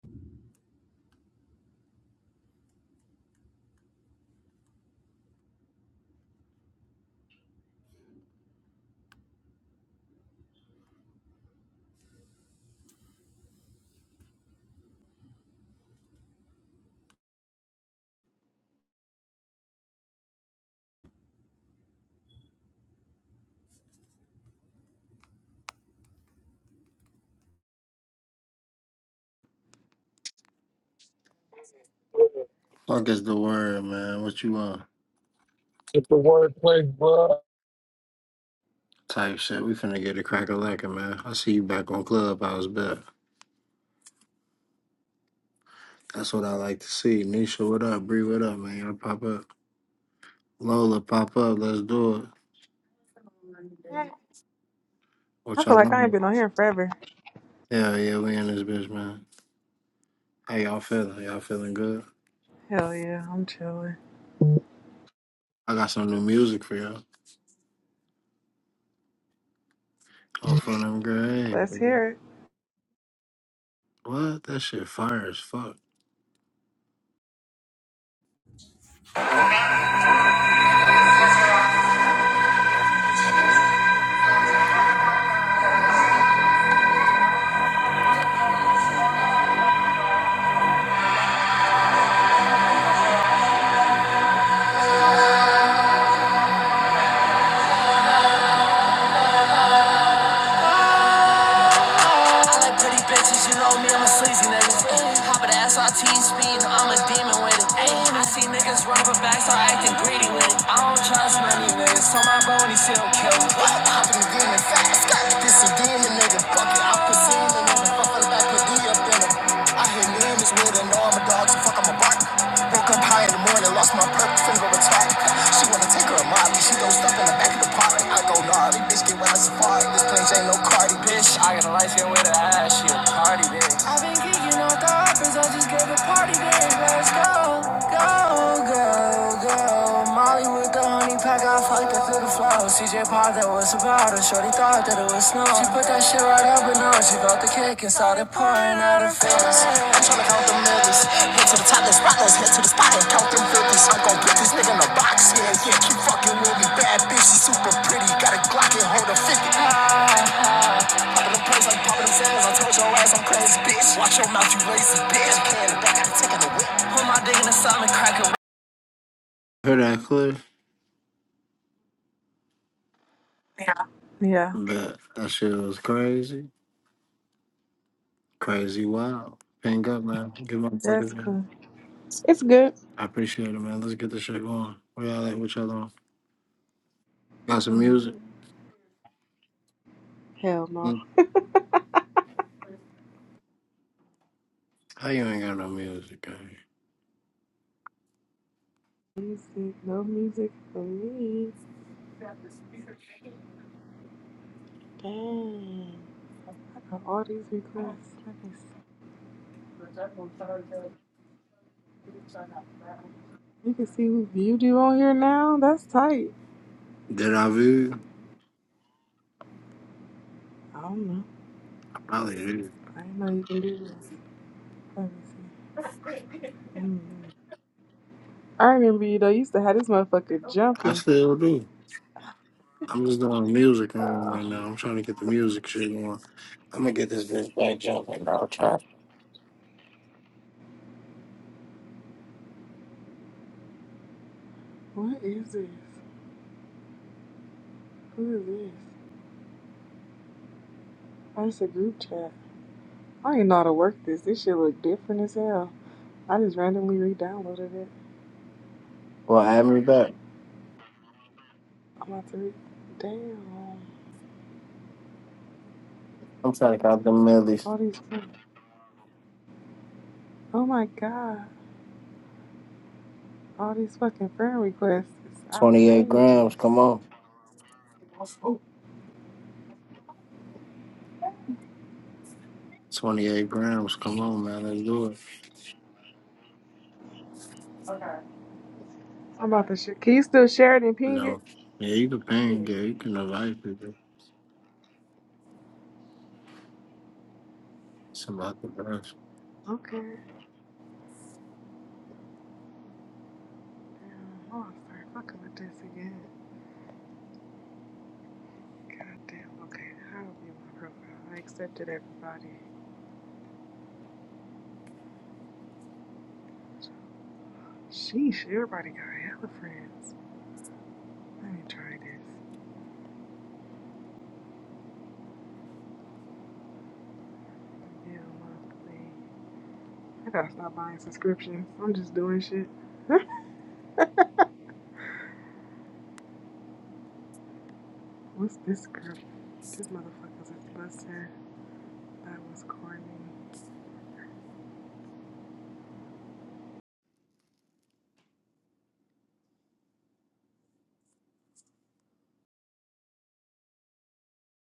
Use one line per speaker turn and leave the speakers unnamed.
Fuck is the word, man. What you want?
Get the wordplay, bro.
Type shit. We finna get a crack a lacking, man. I see you back on Clubhouse, but that's what I like to see. Nisha, what up? Bree, what up, man? Y'all pop up. Lola, pop up. Let's do it.
I
What
feel
y'all
like I ain't
on?
been on here forever.
Yeah, yeah, we in this bitch, man. How y'all feeling? Y'all feeling good?
Hell yeah, I'm chilling.
I got some new music for y'all. Oh, fun, I'm great.
Let's hear it.
What? That shit fire as fuck. I like pretty bitches, you know me, I'm a sleazy nigga. Hop an ass, I team speed, I'm a demon with it. I see niggas run for a back, start acting greedy with it. I don't trust many niggas, so my bro when he see him kill me. Hopping a demon fast, this a demon nigga. Fuck it, I put semen in the fucking back of D slept in them. I hit limits with an arm, a dog, so fuck, I'm a bark. Woke up high in the morning, lost my perk, finger attack. She wanna take her a molly, she don't stop in the back of the party. I go gnarly, bitch, get where I safari. This place ain't no Cardi, bitch. I got a light skin with her ass, she a party, bitch. i been geeking on the uppers, I just gave a party, bitch. Let's go, go, go, go. Molly with the honey pack, I fucked her through the flow. CJ Pod, that was about her. Shorty thought that it was snow. She put that shit right up and on. She felt the kick inside the party. I'm tryna count the millions. Head to the top, let's rock, let's head to the spot and count them fifties. I'm gon' put this nigga in a box, yeah, yeah. Keep fucking with me, bad bitch, she super pretty. Got a Glock and hold a 50. Ah, poppin' them plays, I'm poppin' them sales. I told your ass I'm crazy, bitch. Watch your mouth, you lazy bitch. Can the back, I can take it away. Put my dick in the side and crack it. Heard that clip,
Yeah,
but that shit was crazy, crazy wild. Ping up, man. Give my
that's
fucking name.
cool. It's good.
I appreciate it, man. Let's get this shit going. We all like what y'all on. Got some
Mm,
music.
Hell no.
Mm, How you ain't got no music? Man?
Music, no music for me. Dang. I got all these requests. I can see, you can see who viewed you on here now. That's tight.
Did I view?
I don't know.
I probably did.
I didn't know you can do this. Let me see. Mm. I remember you though. You used to have this motherfucker
I
jumping.
still do. I'm just doing music on
Uh,
right now. I'm trying to get the music shit on. I'm gonna get this bitch back jumping. I'll try.
what is this? Who is this? Oh, it's a group chat. I ain't know how to work this. This shit look different as hell. I just randomly re-downloaded it.
Well, add me back.
I'm about to re- Damn.
I'm trying to count them millies.
All these... Oh my god. All these fucking friend requests. It's
28 grams. Come
outrageous.
on. 28 grams. Come on, man. Let's do it.
I'm about to share. Can you still share it and
You
ping it?
know. Yeah, you can
Let
ping.
me see.
Yeah, you can invite people. It's about the best.
Okay. Damn. Oh, I'm sorry. Fucking with this again. God damn. Okay. How will be my profile? I accepted everybody. Sheesh. Everybody got hella friends. Let me try this. Yeah, monthly. I gotta stop buying subscriptions. I'm just doing shit. What's this group? These motherfucker's is busting. That was corny.